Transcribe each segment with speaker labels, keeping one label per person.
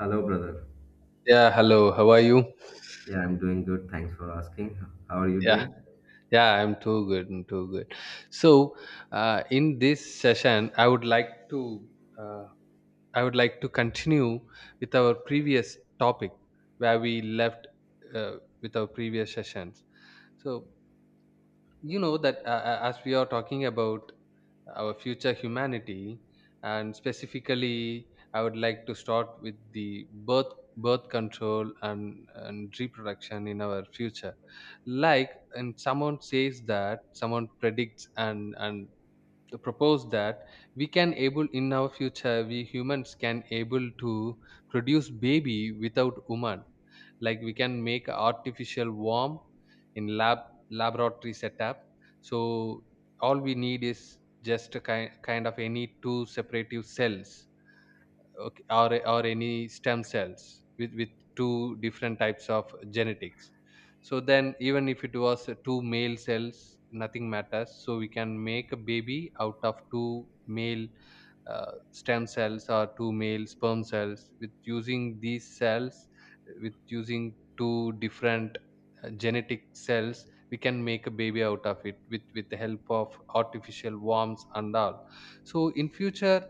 Speaker 1: Hello, brother.
Speaker 2: Yeah, hello. How are you?
Speaker 1: Yeah, I'm doing good. Thanks for asking. How are you
Speaker 2: Yeah,
Speaker 1: doing?
Speaker 2: yeah, I'm too good. I'm too good. So, in this session, I would like to uh, I would like to continue with our previous topic where we left uh, with our previous sessions. So, you know that as we are talking about our future humanity, and specifically I would like to start with the birth control and reproduction in our future. Like, and someone says, that someone predicts and propose that we can able in our future, we humans can able to produce baby without woman. Like, we can make artificial worm in laboratory setup. So all we need is just a kind of any two separative cells, okay, or any stem cells with two different types of genetics. So then, even if it was two male cells, nothing matters. So we can make a baby out of two male stem cells, or two male sperm cells, with using these cells, with using two different genetic cells. We can make a baby out of it with the help of artificial worms and all. So in future,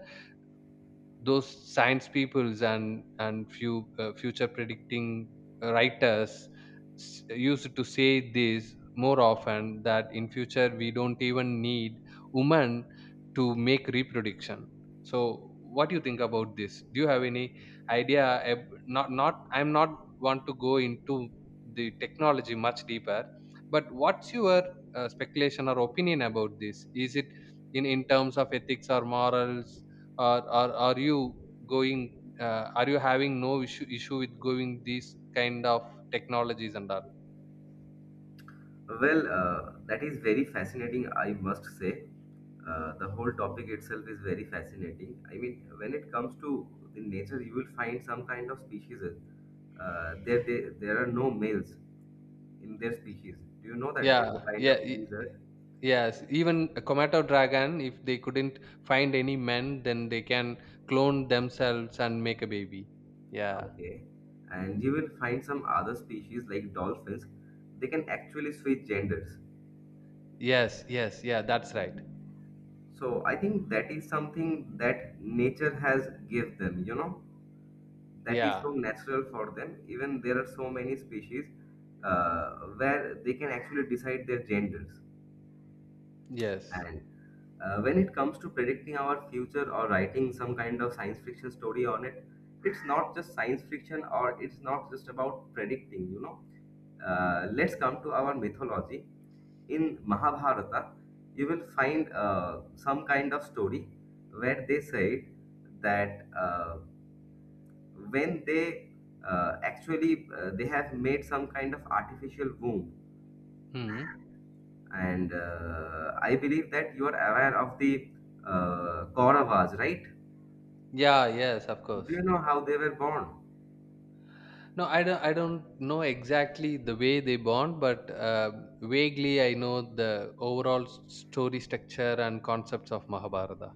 Speaker 2: those science peoples and few future predicting writers used to say this more often, that in future we don't even need women to make reproduction. So what do you think about this? Do you have any idea? Not I'm not want to go into the technology much deeper, but what's your speculation or opinion about this? Is it, in terms of ethics or morals, or are you going, are you having no issue with going these kind of technologies and all?
Speaker 1: Well, that is very fascinating, I must say. The whole topic itself is very fascinating. I mean, when it comes to the nature, you will find some kind of species. There are no males in their species. Do you know that there's
Speaker 2: yeah
Speaker 1: a kind
Speaker 2: yeah
Speaker 1: of
Speaker 2: y-
Speaker 1: lizard?
Speaker 2: yes, even a Komodo dragon, if they couldn't find any men, then they can clone themselves and make a baby. Yeah.
Speaker 1: Okay. And you will find some other species like dolphins. They can actually switch genders.
Speaker 2: Yes, yes, yeah, that's right.
Speaker 1: So I think that is something that nature has give them, you know, that is
Speaker 2: Yeah.
Speaker 1: so natural for them. Even there are so many species uh, where they can actually decide their genders.
Speaker 2: Yes.
Speaker 1: And when it comes to predicting our future or writing some kind of science fiction story on it, it's not just science fiction or it's not just about predicting, you know. Let's come to our mythology. In Mahabharata, you will find some kind of story where they said that when they actually they have made some kind of artificial womb.
Speaker 2: Hmm.
Speaker 1: And I believe that you are aware of the Kauravas, right?
Speaker 2: Yeah, yes, of
Speaker 1: Do
Speaker 2: course.
Speaker 1: you know how they were born?
Speaker 2: No, I don't. I don't know exactly the way they bond, but vaguely I know the overall story structure and concepts of Mahabharata.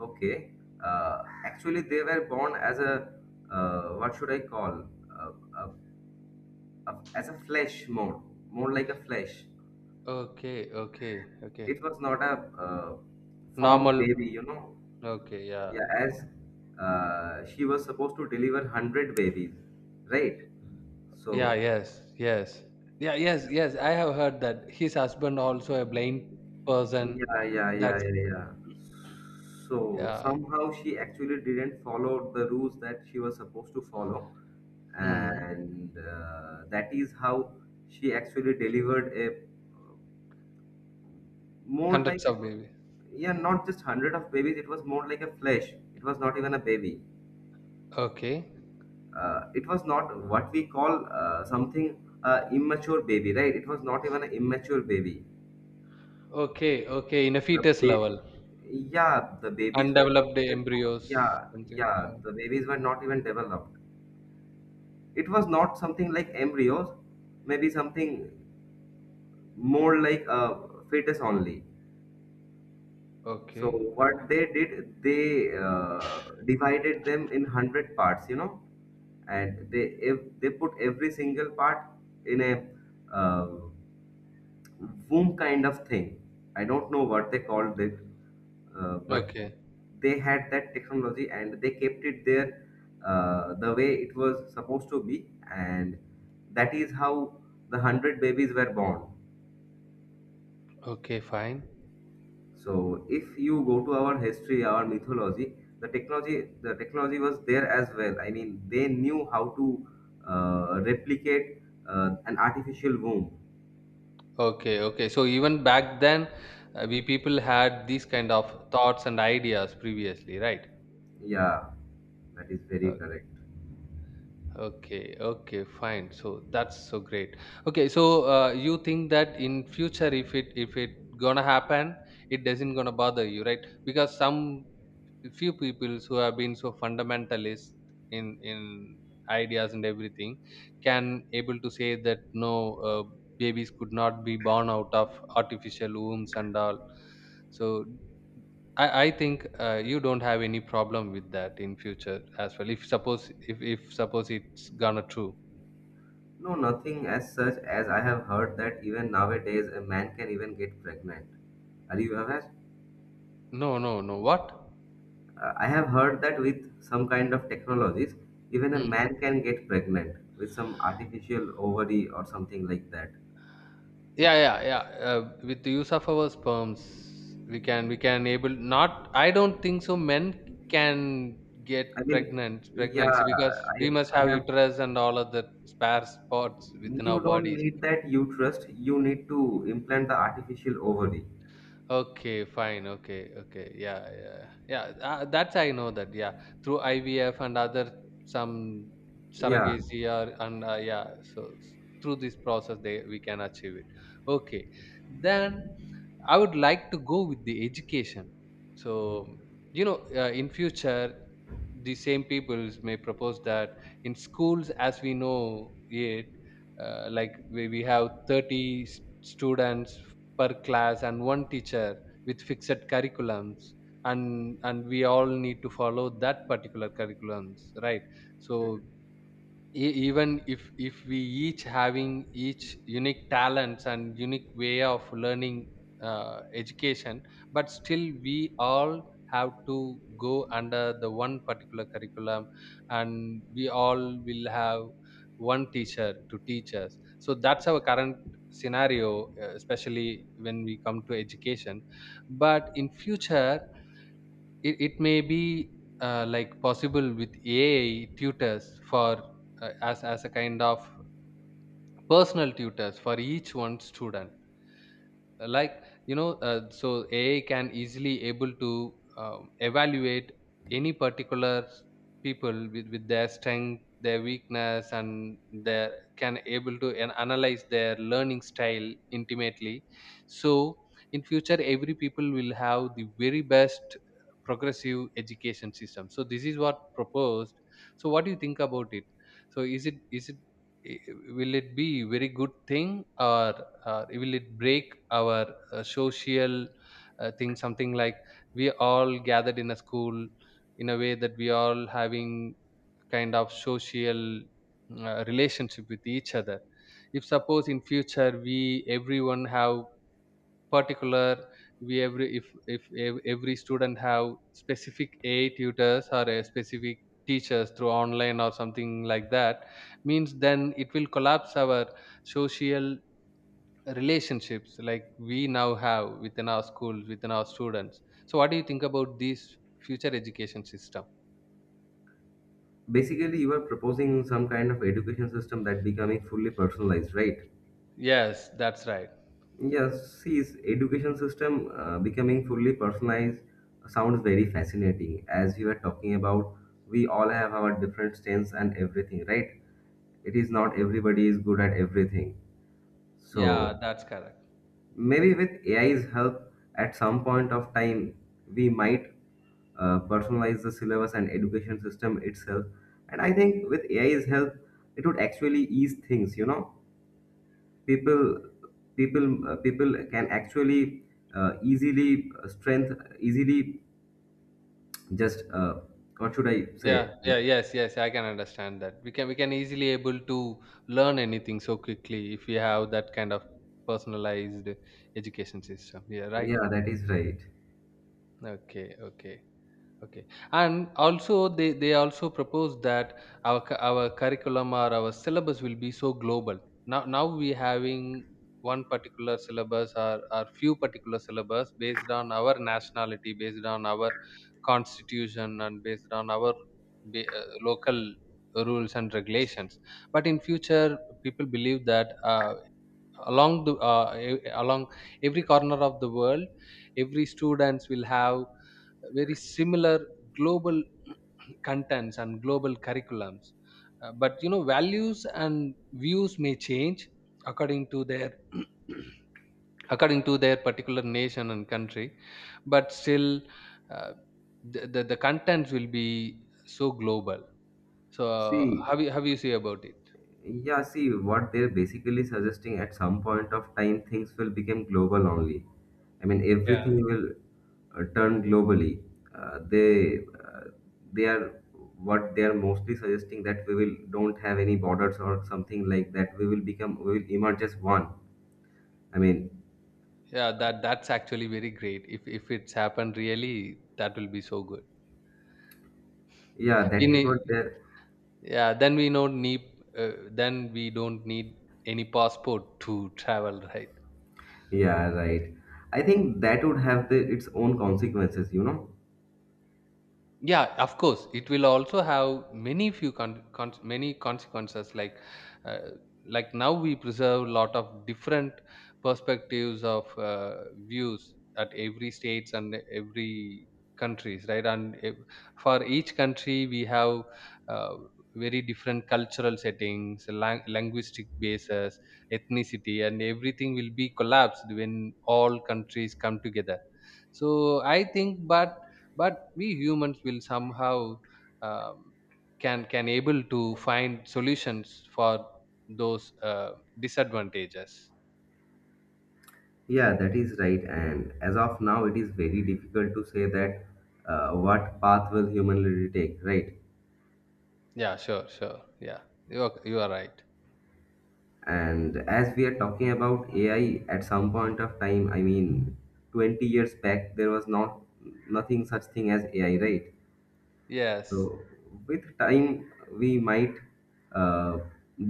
Speaker 1: Okay, actually they were born as a what should I call uh, uh, as a more like a flesh.
Speaker 2: Okay, okay, okay.
Speaker 1: It was not a formed
Speaker 2: Normal.
Speaker 1: baby, you know.
Speaker 2: Okay, yeah,
Speaker 1: Yeah,
Speaker 2: yeah.
Speaker 1: as she was supposed to deliver hundred babies, right?
Speaker 2: Yeah.
Speaker 1: So,
Speaker 2: Yes. Yes. Yeah. Yes. Yes. I have heard that his husband also a blind person.
Speaker 1: yeah, yeah, yeah,
Speaker 2: That's
Speaker 1: yeah, yeah, so
Speaker 2: yeah.
Speaker 1: somehow she actually didn't follow the rules that she was supposed to follow,
Speaker 2: Hmm.
Speaker 1: and that is how she actually delivered a more like
Speaker 2: Hundreds
Speaker 1: it
Speaker 2: of
Speaker 1: was,
Speaker 2: babies.
Speaker 1: yeah, not just hundred of babies. It was more like a flesh. It was not even a baby.
Speaker 2: Okay.
Speaker 1: It was not what we call something immature baby, right? It was not even an immature baby.
Speaker 2: Okay. Okay. In a
Speaker 1: The
Speaker 2: fetus
Speaker 1: ba-
Speaker 2: level,
Speaker 1: yeah,
Speaker 2: undeveloped embryos. Something. Yeah.
Speaker 1: the babies were not even developed. It was not something like embryos, maybe something more like a fetus only. So
Speaker 2: Okay, okay.
Speaker 1: what they did, they divided them in hundred parts, you know, and they if they put every single part in a uh, womb kind of thing. I don't know what they called it, but
Speaker 2: Okay.
Speaker 1: they had that technology and they kept it there the way it was supposed to be, and that is how the hundred babies were born.
Speaker 2: Okay, fine.
Speaker 1: So, if you go to our history, our mythology, the technology was there as well. I mean, they knew how to replicate an artificial womb.
Speaker 2: Okay, okay. So even back then, we people had these kind of thoughts and ideas previously, right?
Speaker 1: Yeah, that is
Speaker 2: Uh,
Speaker 1: very correct.
Speaker 2: okay, okay, fine. So that's so great. Okay, so you think that in future, if it gonna happen, it doesn't gonna bother you, right? Because some few people who have been so fundamentalist in ideas and everything can able to say that no, babies could not be born out of artificial wombs and all. So I think you don't have any problem with that in future as well, if suppose, if suppose it's gonna true.
Speaker 1: No, nothing as such as I have heard that even nowadays a man can even get pregnant. Are you aware?
Speaker 2: No, what?
Speaker 1: I have heard that with some kind of technologies, even a
Speaker 2: Hmm.
Speaker 1: man can get pregnant with some artificial ovary or something like that.
Speaker 2: Yeah, with the use of our sperms, we can able, not, I don't think so men can get
Speaker 1: I mean,
Speaker 2: pregnant
Speaker 1: yeah,
Speaker 2: pregnancy, because
Speaker 1: I,
Speaker 2: we must
Speaker 1: I
Speaker 2: have
Speaker 1: have.
Speaker 2: uterus and all of the spare spots within
Speaker 1: You
Speaker 2: our
Speaker 1: don't
Speaker 2: bodies.
Speaker 1: need that uterus. You need to implant the artificial ovary.
Speaker 2: Okay fine okay okay yeah yeah yeah that's, I know that, yeah, through ivf and other some
Speaker 1: Yeah.
Speaker 2: surrogacy or and yeah, so through this process they, we can achieve it. Okay, then I would like to go with the education. So, you know, in future, the same peoples may propose that in schools, as we know it, like we have 30 students per class and one teacher with fixed curriculums, and we all need to follow that particular curriculums, right? So, E- even if we, each having each unique talents and unique way of learning, education, but still we all have to go under the one particular curriculum, and we all will have one teacher to teach us. So that's our current scenario, especially when we come to education. But in future, it may be like possible with AI tutors for as a kind of personal tutors for each one student, like you know so ai can easily able to evaluate any particular people with their strength, their weakness, and their, can able to analyze their learning style intimately. So in future every people will have the very best progressive education system. So this is what proposed. So what do you think about it? So i- will it be very good thing, or will it break our social thing, something like we all gathered in a school, in a way that we all having kind of social relationship with each other? If suppose in future we, everyone have particular, we every, if every student have specific a tutors or a specific teachers through online or something like that, means then it will collapse our social relationships like we now have within our schools, within our students. So what do you think about this future education system?
Speaker 1: Basically, you are proposing some kind of education system that becoming fully personalized, right?
Speaker 2: Yes, that's right.
Speaker 1: Yes, his education system becoming fully personalized sounds very fascinating. As you were talking about, we all have our different strengths and everything, right? It is not everybody is good at everything.
Speaker 2: Yeah,
Speaker 1: So
Speaker 2: that's correct.
Speaker 1: maybe with AI's help, at some point of time, we might personalize the syllabus and education system itself. And I think with AI's help, it would actually ease things, you know. people People can actually easily strength easily just what should I
Speaker 2: Yeah,
Speaker 1: say
Speaker 2: yeah, yes, yes, I can understand that. We can easily able to learn anything so quickly if we have that kind of personalized education system. Yeah, right.
Speaker 1: yeah, that is right.
Speaker 2: Okay, okay. Okay, and also they also propose that our our curriculum or our syllabus will be so global. Now we having one particular syllabus or few particular syllabus based on our nationality, based on our constitution, and based on our local rules and regulations. But in future, people believe that along the along every corner of the world, every students will have very similar global contents and global curriculums. But you know, values and views may change according to their according to their particular nation and country, but still, uh, the contents will be so global. So
Speaker 1: See,
Speaker 2: how you see about it?
Speaker 1: yeah, see what they're basically suggesting, at some point of time things will become global only. I mean
Speaker 2: Yeah,
Speaker 1: everything will turn globally. Uh, they uh, they are What they are mostly suggesting, that we will don't have any borders or something like that, we will become, we will emerge as one. I mean,
Speaker 2: yeah, that that's actually very great, if it's happened really, that will be so good.
Speaker 1: yeah,
Speaker 2: We
Speaker 1: that is what
Speaker 2: need,
Speaker 1: they're.
Speaker 2: yeah, then we don't need then we don't need any passport to travel, right?
Speaker 1: Yeah, right. I think that would have the, its own consequences, you know?
Speaker 2: Yeah, of course it will also have many few many consequences uh, like now we preserve lot of different perspectives of views at every states and every countries, right? And for each country we have uh, very different cultural settings, linguistic bases, ethnicity, and everything will be collapsed when all countries come together. So I think, but we humans will somehow um, can able to find solutions for those disadvantages.
Speaker 1: Yeah, that is right. And as of now, it is very difficult to say that what path will humanity take, right?
Speaker 2: Yeah, sure, sure, yeah, you are right.
Speaker 1: And as we are talking about AI at some point of time, I mean, 20 years back, there was not nothing such thing as AI, right?
Speaker 2: Yes.
Speaker 1: So with time, we might uh,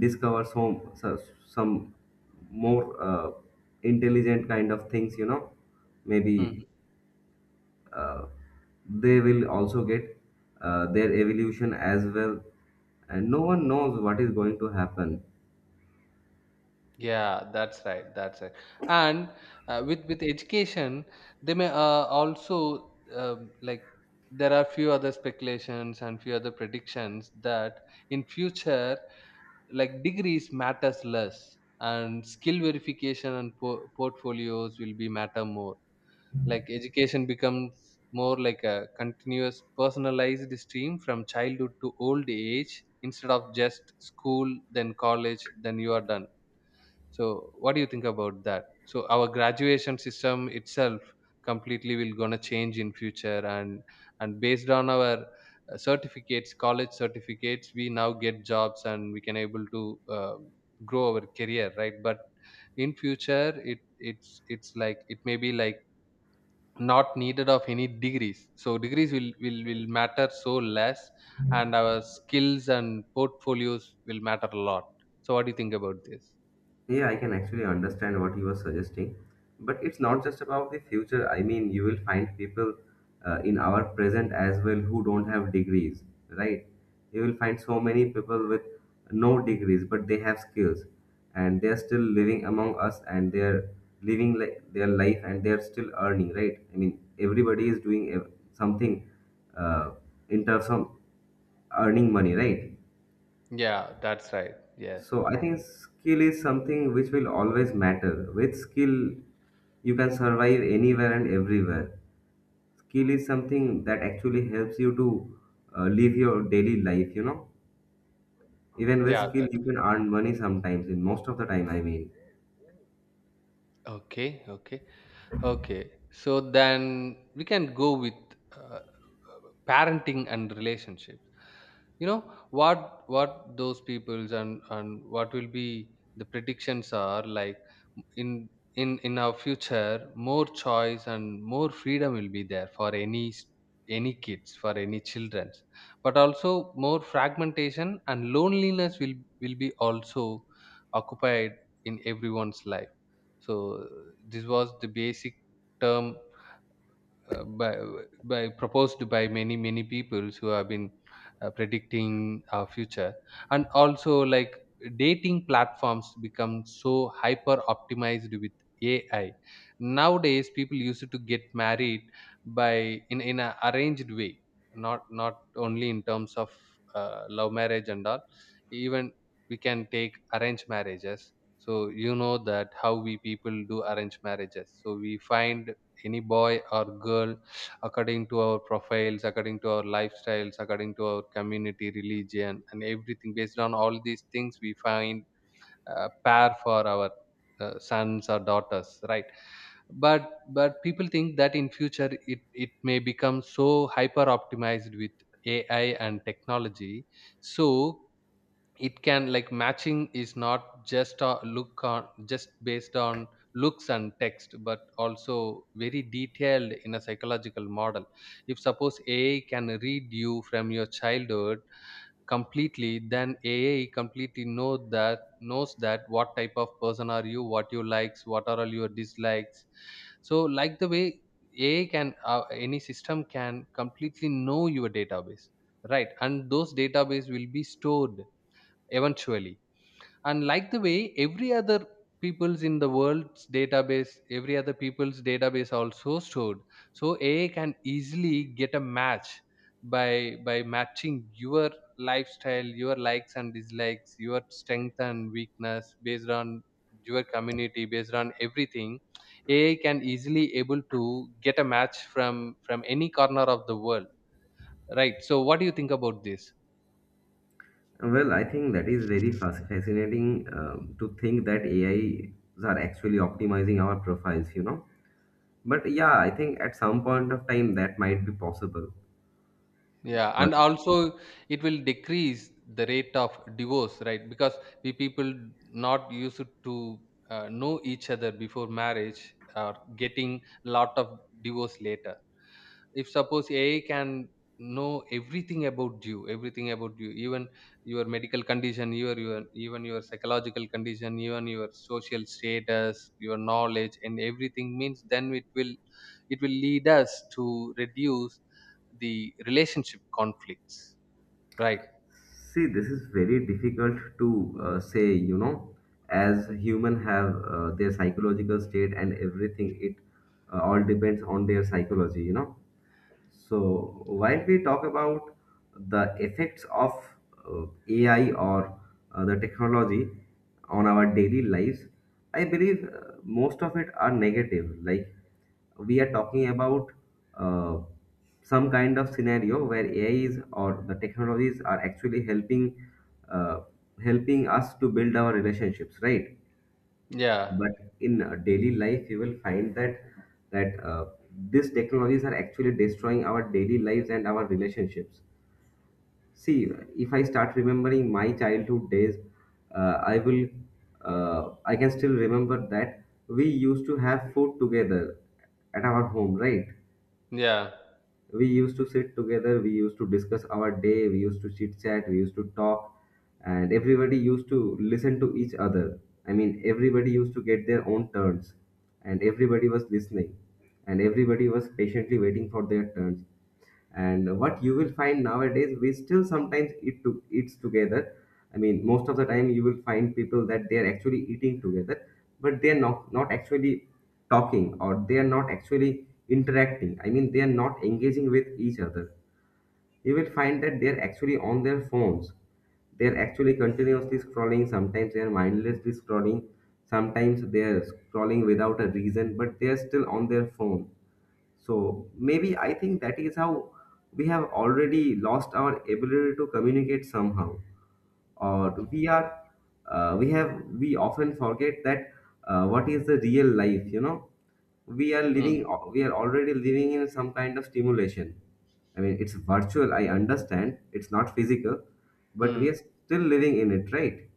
Speaker 1: discover some so- some more uh, intelligent kind of things. You know,
Speaker 2: Mhm.
Speaker 1: maybe uh, they will also get their evolution as well, and no one knows what is going to happen.
Speaker 2: Yeah, that's right, that's right. And with education, they may also like, there are few other speculations and few other predictions that in future, like, degrees matters less and skill verification and portfolios will be matter more. Like education becomes more like a continuous personalized stream from childhood to old age, instead of just school, then college, then you are done. So what do you think about that? So our graduation system itself completely will gonna change in future. And based on our certificates, college certificates, we now get jobs and we can able to uh, grow our career, right? But in future it's like, it may be like not needed of any degrees, so degrees will matter so less, and our skills and portfolios will matter a lot. So what do you think about this?
Speaker 1: Yeah, I can actually understand what you were suggesting. But it's not just about the future. I mean, you will find people in our present as well who don't have degrees, right? You will find so many people with no degrees, but they have skills and they are still living among us and they are living like their life and they are still earning, right? I mean, everybody is doing something uh, in terms of earning money, right?
Speaker 2: Yeah, that's right. Yes.
Speaker 1: So I think skill is something which will always matter. With skill, you can survive anywhere and everywhere. Skill is something that actually helps you to live your daily life, you know. Even with
Speaker 2: Yeah,
Speaker 1: skill,
Speaker 2: that's
Speaker 1: you
Speaker 2: good.
Speaker 1: can earn money sometimes, in most of the time, I mean.
Speaker 2: Okay, okay. Okay. So then we can go with uh, parenting and relationships. You know what those peoples and what will be the predictions are like in in our future, more choice and more freedom will be there for any any kids, for any childrens, but also more fragmentation and loneliness will be also occupied in everyone's life. So this was the basic term uh, by by proposed by many peoples who have been predicting our future. And also, like, dating platforms become so hyper optimized with ai. Nowadays people used to get married by in an arranged way, not only in terms of love marriage and all. Even we can take arranged marriages. So you know that how we people do arranged marriages. So we find any boy or girl according to our profiles, according to our lifestyles, according to our community, religion, and everything. Based on all these things, we find a pair for our sons or daughters, right? But people think that in future, it may become so hyper optimized with ai and technology. So it can, like, matching is not just a look on, just based on looks and text, but also very detailed in a psychological model. If suppose ai can read you from your childhood completely, then ai completely knows that what type of person are you, what you likes, what are all your dislikes. So, like, the way ai can, any system can completely know your database, right? And those database will be stored eventually. And like the way every other people's in the world's database, every other people's database also stored. So ai can easily get a match by matching your lifestyle, your likes and dislikes, your strength and weakness, based on your community, based on everything. Ai can easily able to get a match from any corner of the world, right? So what do you think about this?
Speaker 1: Well, I think that is very fascinating to think that AIs are actually optimizing our profiles, you know. But yeah, I think at some point of time that might be possible.
Speaker 2: Yeah, and also it will decrease the rate of divorce, right? Because we people not used to know each other before marriage, or getting lot of divorce later. If suppose ai can know everything about you, everything about you, even your medical condition, your, even your psychological condition, even your social status, your knowledge, and everything means, then it will, it will lead us to reduce the relationship conflicts, right?
Speaker 1: See, this is very difficult to say, you know, as human have their psychological state and everything, it all depends on their psychology, you know. So, while we talk about the effects of AI or the technology on our daily lives, I believe most of it are negative. Like, we are talking about uh, some kind of scenario where AI is or the technologies are actually helping uh, helping us to build our relationships, right?
Speaker 2: Yeah,
Speaker 1: But in daily life you will find that that uh, these technologies are actually destroying our daily lives and our relationships. See, if I start remembering my childhood days, uh, i will I can still remember that we used to have food together at our home, right?
Speaker 2: yeah.
Speaker 1: We used to sit together, we used to discuss our day, we used to chit chat, we used to talk, and everybody used to listen to each other. I mean, everybody used to get their own turns, and everybody was listening, and everybody was patiently waiting for their turns. And what you will find nowadays, we still sometimes eat to eats together. I mean, most of the time you will find people that they are actually eating together, but they are not actually talking, or they are not actually interacting. I mean, they are not engaging with each other. You will find that they are actually on their phones, they are actually continuously scrolling, sometimes they are mindlessly scrolling, sometimes they are scrolling without a reason, but they are still on their phone. So maybe I think that is how we have already lost our ability to communicate somehow, or we are we have, we often forget that what is the real life. You know, we are
Speaker 2: Hmm.
Speaker 1: living, we are already living in some kind of stimulation. I mean, it's virtual. I understand it's not physical, but we are
Speaker 2: Hmm.
Speaker 1: still living in it, right?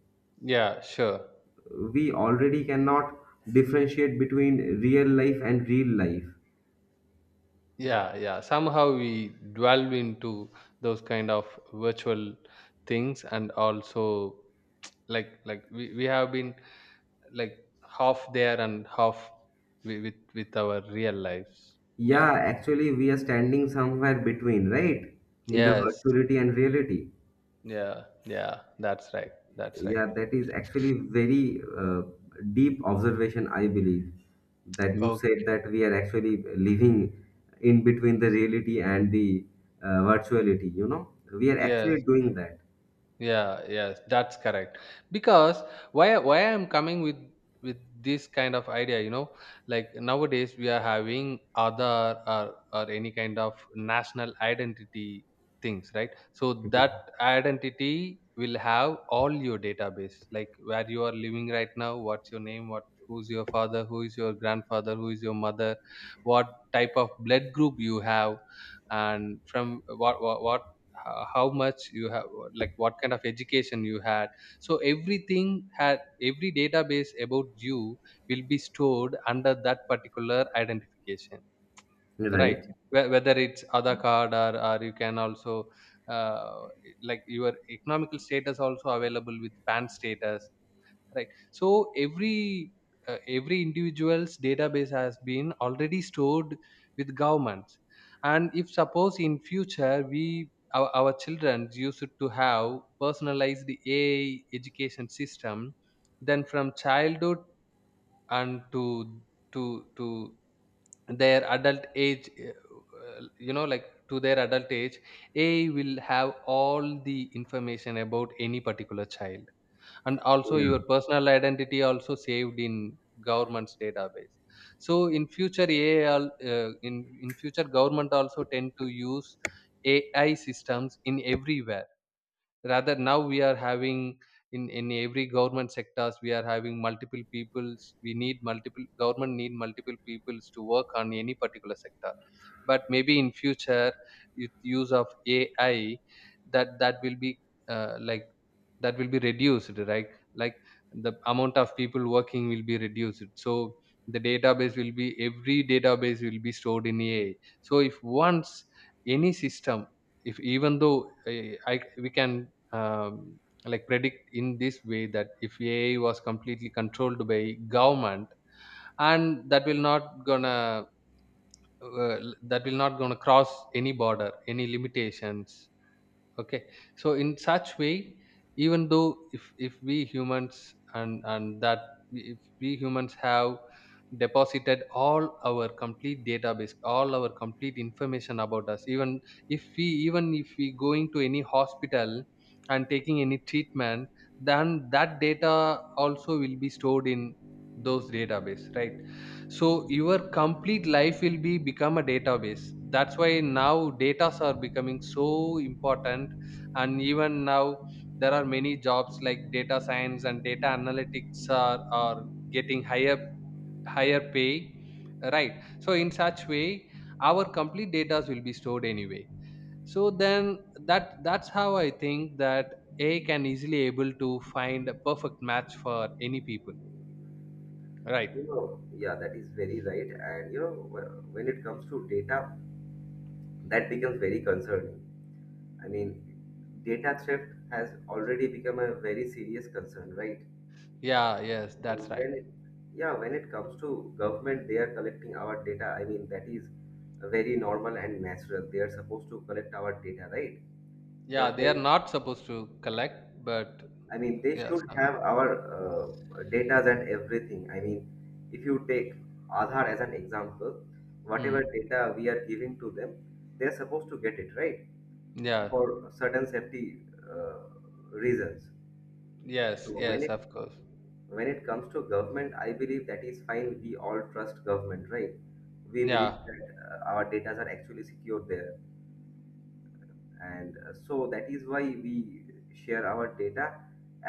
Speaker 2: Yeah, sure.
Speaker 1: We already cannot differentiate between real life and real life.
Speaker 2: Yeah, yeah. Somehow we dwell into those kind of virtual things. And also, like, like we have been, like, half there and half with our real lives. Yeah,
Speaker 1: Yeah, actually, we are standing somewhere between, right? In the
Speaker 2: yes.
Speaker 1: virtuality and reality.
Speaker 2: Yeah, yeah, that's right, that's right.
Speaker 1: Yeah, that is actually very deep observation, I believe, that you
Speaker 2: Oh,
Speaker 1: said that we are actually living in between the reality and the virtuality, you know? We are
Speaker 2: yes.
Speaker 1: actually doing that.
Speaker 2: Yeah, yes, that's correct. Because why I'm coming with this kind of idea, you know, like nowadays we are having other or any kind of national identity things, right? So that
Speaker 1: Mhm.
Speaker 2: identity will have all your database, like where you are living right now, what's your name, what, who's your father, who is your grandfather, who is your mother, what type of blood group you have, and from what how much you have, like what kind of education you had. So everything had, every database about you will be stored under that particular identification, right?
Speaker 1: Right.
Speaker 2: Whether it's other card or you can also uh, like your economical status also available with pan status, right? So every individual's database has been already stored with governments. And if suppose in future, we our children used to have personalized ai education system, then from childhood and to to their adult age, you know, like to their adult age, ai will have all the information about any particular child. And also your
Speaker 1: Yeah.
Speaker 2: personal identity also saved in government's database. So in future, ai al- in future, government also tend to use ai systems in everywhere. Rather now we are having in every government sectors we are having multiple peoples, we need multiple government need multiple peoples to work on any particular sector. But maybe in future, with use of ai, that will be uh, like that will be reduced, right? Like the amount of people working will be reduced. So the database will be, every database will be stored in ai. So if once any system, if even though we can like predict in this way that if AI was completely controlled by government, and that will not gonna uh, that will not gonna cross any border, any limitations, okay? So in such way, even though if we humans and and that if we humans have deposited all our complete database, all our complete information about us. Even if we, even if we going to any hospital and taking any treatment, then that data also will be stored in those database, right? So your complete life will be become a database. That's why now datas are becoming so important. And even now there are many jobs like data science and data analytics are getting higher pay, right? So in such way, our complete data will be stored anyway. So then that's how I think that a can easily able to find a perfect match for any people, right?
Speaker 1: You know, yeah, that is very right. And, you know, when it comes to data, that becomes very concerning. I mean, data theft has already become a very serious concern, right?
Speaker 2: Yeah, yes, that's right.
Speaker 1: When it, yeah, when it comes to government, they are collecting our data. I mean, that is very normal and natural. They are supposed to collect our data, right?
Speaker 2: Yeah, they are
Speaker 1: Government,
Speaker 2: not supposed to collect, but
Speaker 1: I mean, they
Speaker 2: yes,
Speaker 1: should have our data and everything. I mean, if you take Aadhaar as an example, whatever
Speaker 2: hmm.
Speaker 1: data we are giving to them, they are supposed to get it, right?
Speaker 2: Yeah,
Speaker 1: For certain safety uh, reasons. So
Speaker 2: yes,
Speaker 1: when
Speaker 2: yes,
Speaker 1: it,
Speaker 2: of course.
Speaker 1: when it comes to government, I believe that is fine, we all trust government, right? We believe
Speaker 2: Yeah,
Speaker 1: that our data are actually secure there, and so that is why we share our data,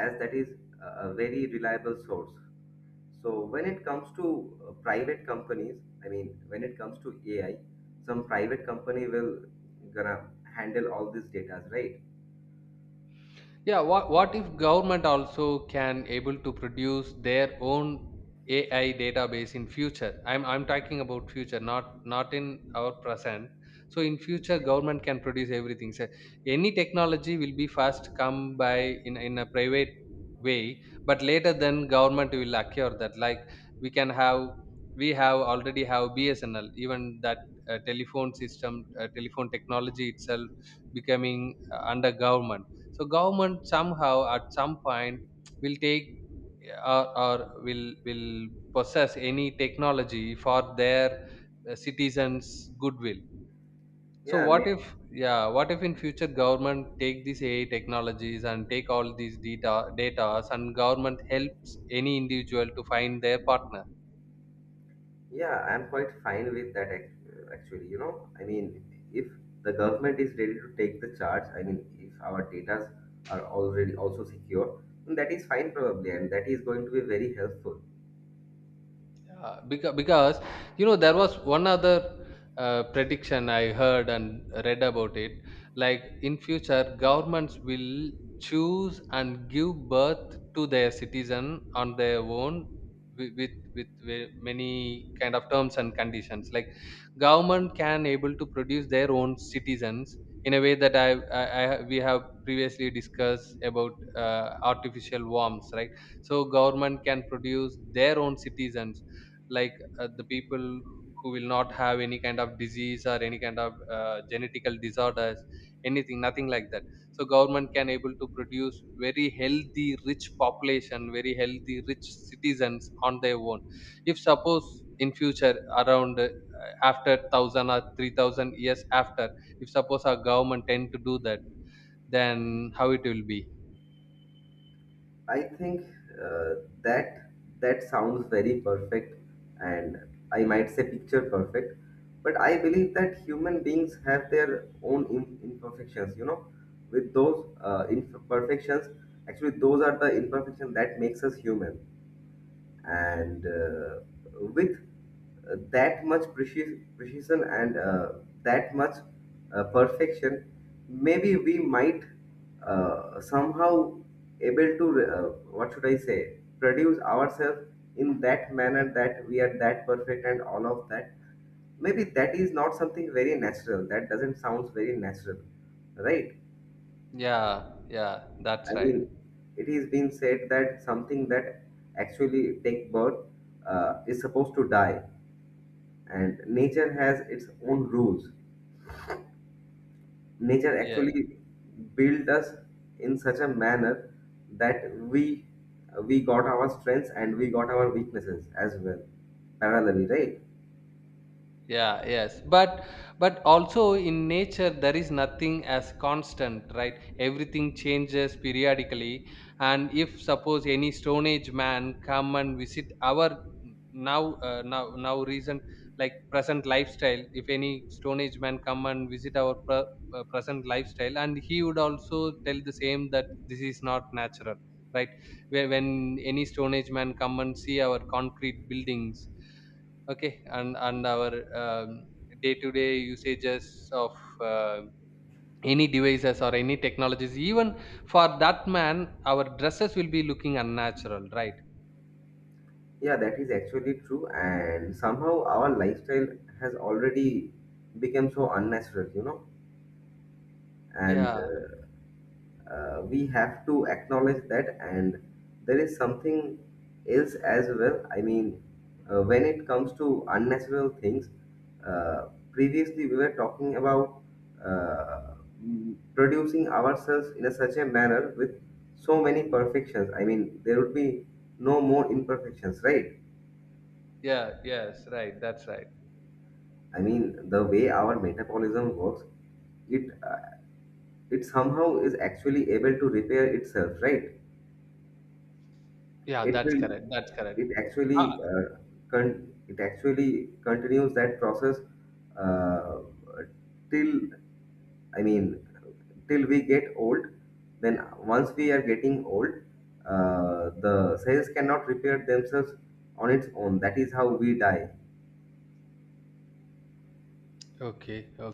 Speaker 1: as that is a very reliable source. So when it comes to private companies, I mean when it comes to AI, some private company will gonna handle all these data, right?
Speaker 2: yeah. What if government also can able to produce their own ai database in future? I'm talking about future, not in our present. So in future, government can produce everything. So any technology will be first come by in a private way, but later then government will acquire that. Like we can have, we have already have bsnl, even that telephone system, telephone technology itself becoming under government. So government somehow at some point will take, or will possess any technology for their citizens goodwill. So
Speaker 1: Yeah,
Speaker 2: what if, yeah, what if in future government take these ai technologies and take all these data, data, and government helps any individual to find their partner?
Speaker 1: Yeah, I'm quite fine with that actually. If the government is ready to take the charge, I mean, if our data are already also secure, then that is fine probably, and that is going to be very helpful.
Speaker 2: Yeah, because you know, there was one other prediction I heard and read about it. Like in future, governments will choose and give birth to their citizen on their own with with many kind of terms and conditions. Like government can able to produce their own citizens in a way that I, I, we have previously discussed about artificial worms, right? So government can produce their own citizens, like the people who will not have any kind of disease or any kind of genetical disorders, anything, nothing like that. So government can able to produce very healthy, rich population, very healthy, rich citizens on their own. If suppose in future around after 1000 or 3000 years after, if suppose our government tend to do that, then how it will be?
Speaker 1: I think uh, that that sounds very perfect, and I might say picture perfect, but I believe that human beings have their own imperfections. You know, with those imperfections, actually, those are the imperfections that makes us human and with that much precision and that much perfection, maybe we might somehow able to what should I say, produce ourselves in that manner that we are that perfect and all of that. Maybe that is not something very natural. That doesn't sound very natural, right?
Speaker 2: Yeah, yeah, that's
Speaker 1: I
Speaker 2: right.
Speaker 1: mean, it is being said that something that actually take birth is supposed to die, and nature has its own rules. Nature
Speaker 2: Yeah.
Speaker 1: actually built us in such a manner that we got our strengths and we got our weaknesses as well parallelly, right?
Speaker 2: Yeah, yes, but also in nature there is nothing as constant, right? Everything changes periodically. And if suppose any stone age man come and visit our now recent, like present lifestyle, if any stone age man come and visit our present lifestyle, and he would also tell the same that this is not natural, right? When any stone age man come and see our concrete buildings, okay, and our um, day-to-day usages of uh, any devices or any technologies, even for that man, our dresses will be looking unnatural, right?
Speaker 1: Yeah, that is actually true, and somehow our lifestyle has already become so unnatural, you know, and.
Speaker 2: Yeah.
Speaker 1: We have to acknowledge that, and there is something else as well. I mean, when it comes to unnatural things, previously we were talking about uh, producing ourselves in a such a manner with so many perfections. I mean, there would be no more imperfections, right?
Speaker 2: Yeah, yes, right, that's right.
Speaker 1: I mean, the way our metabolism works, it it somehow is actually able to repair itself, right?
Speaker 2: Yeah,
Speaker 1: It
Speaker 2: that's
Speaker 1: will,
Speaker 2: correct, that's correct.
Speaker 1: it
Speaker 2: uh,
Speaker 1: actually it actually continues that process uh, till, I mean, till we get old. Then once we are getting old, the cells cannot repair themselves on its own. That is how we die.
Speaker 2: okay, okay.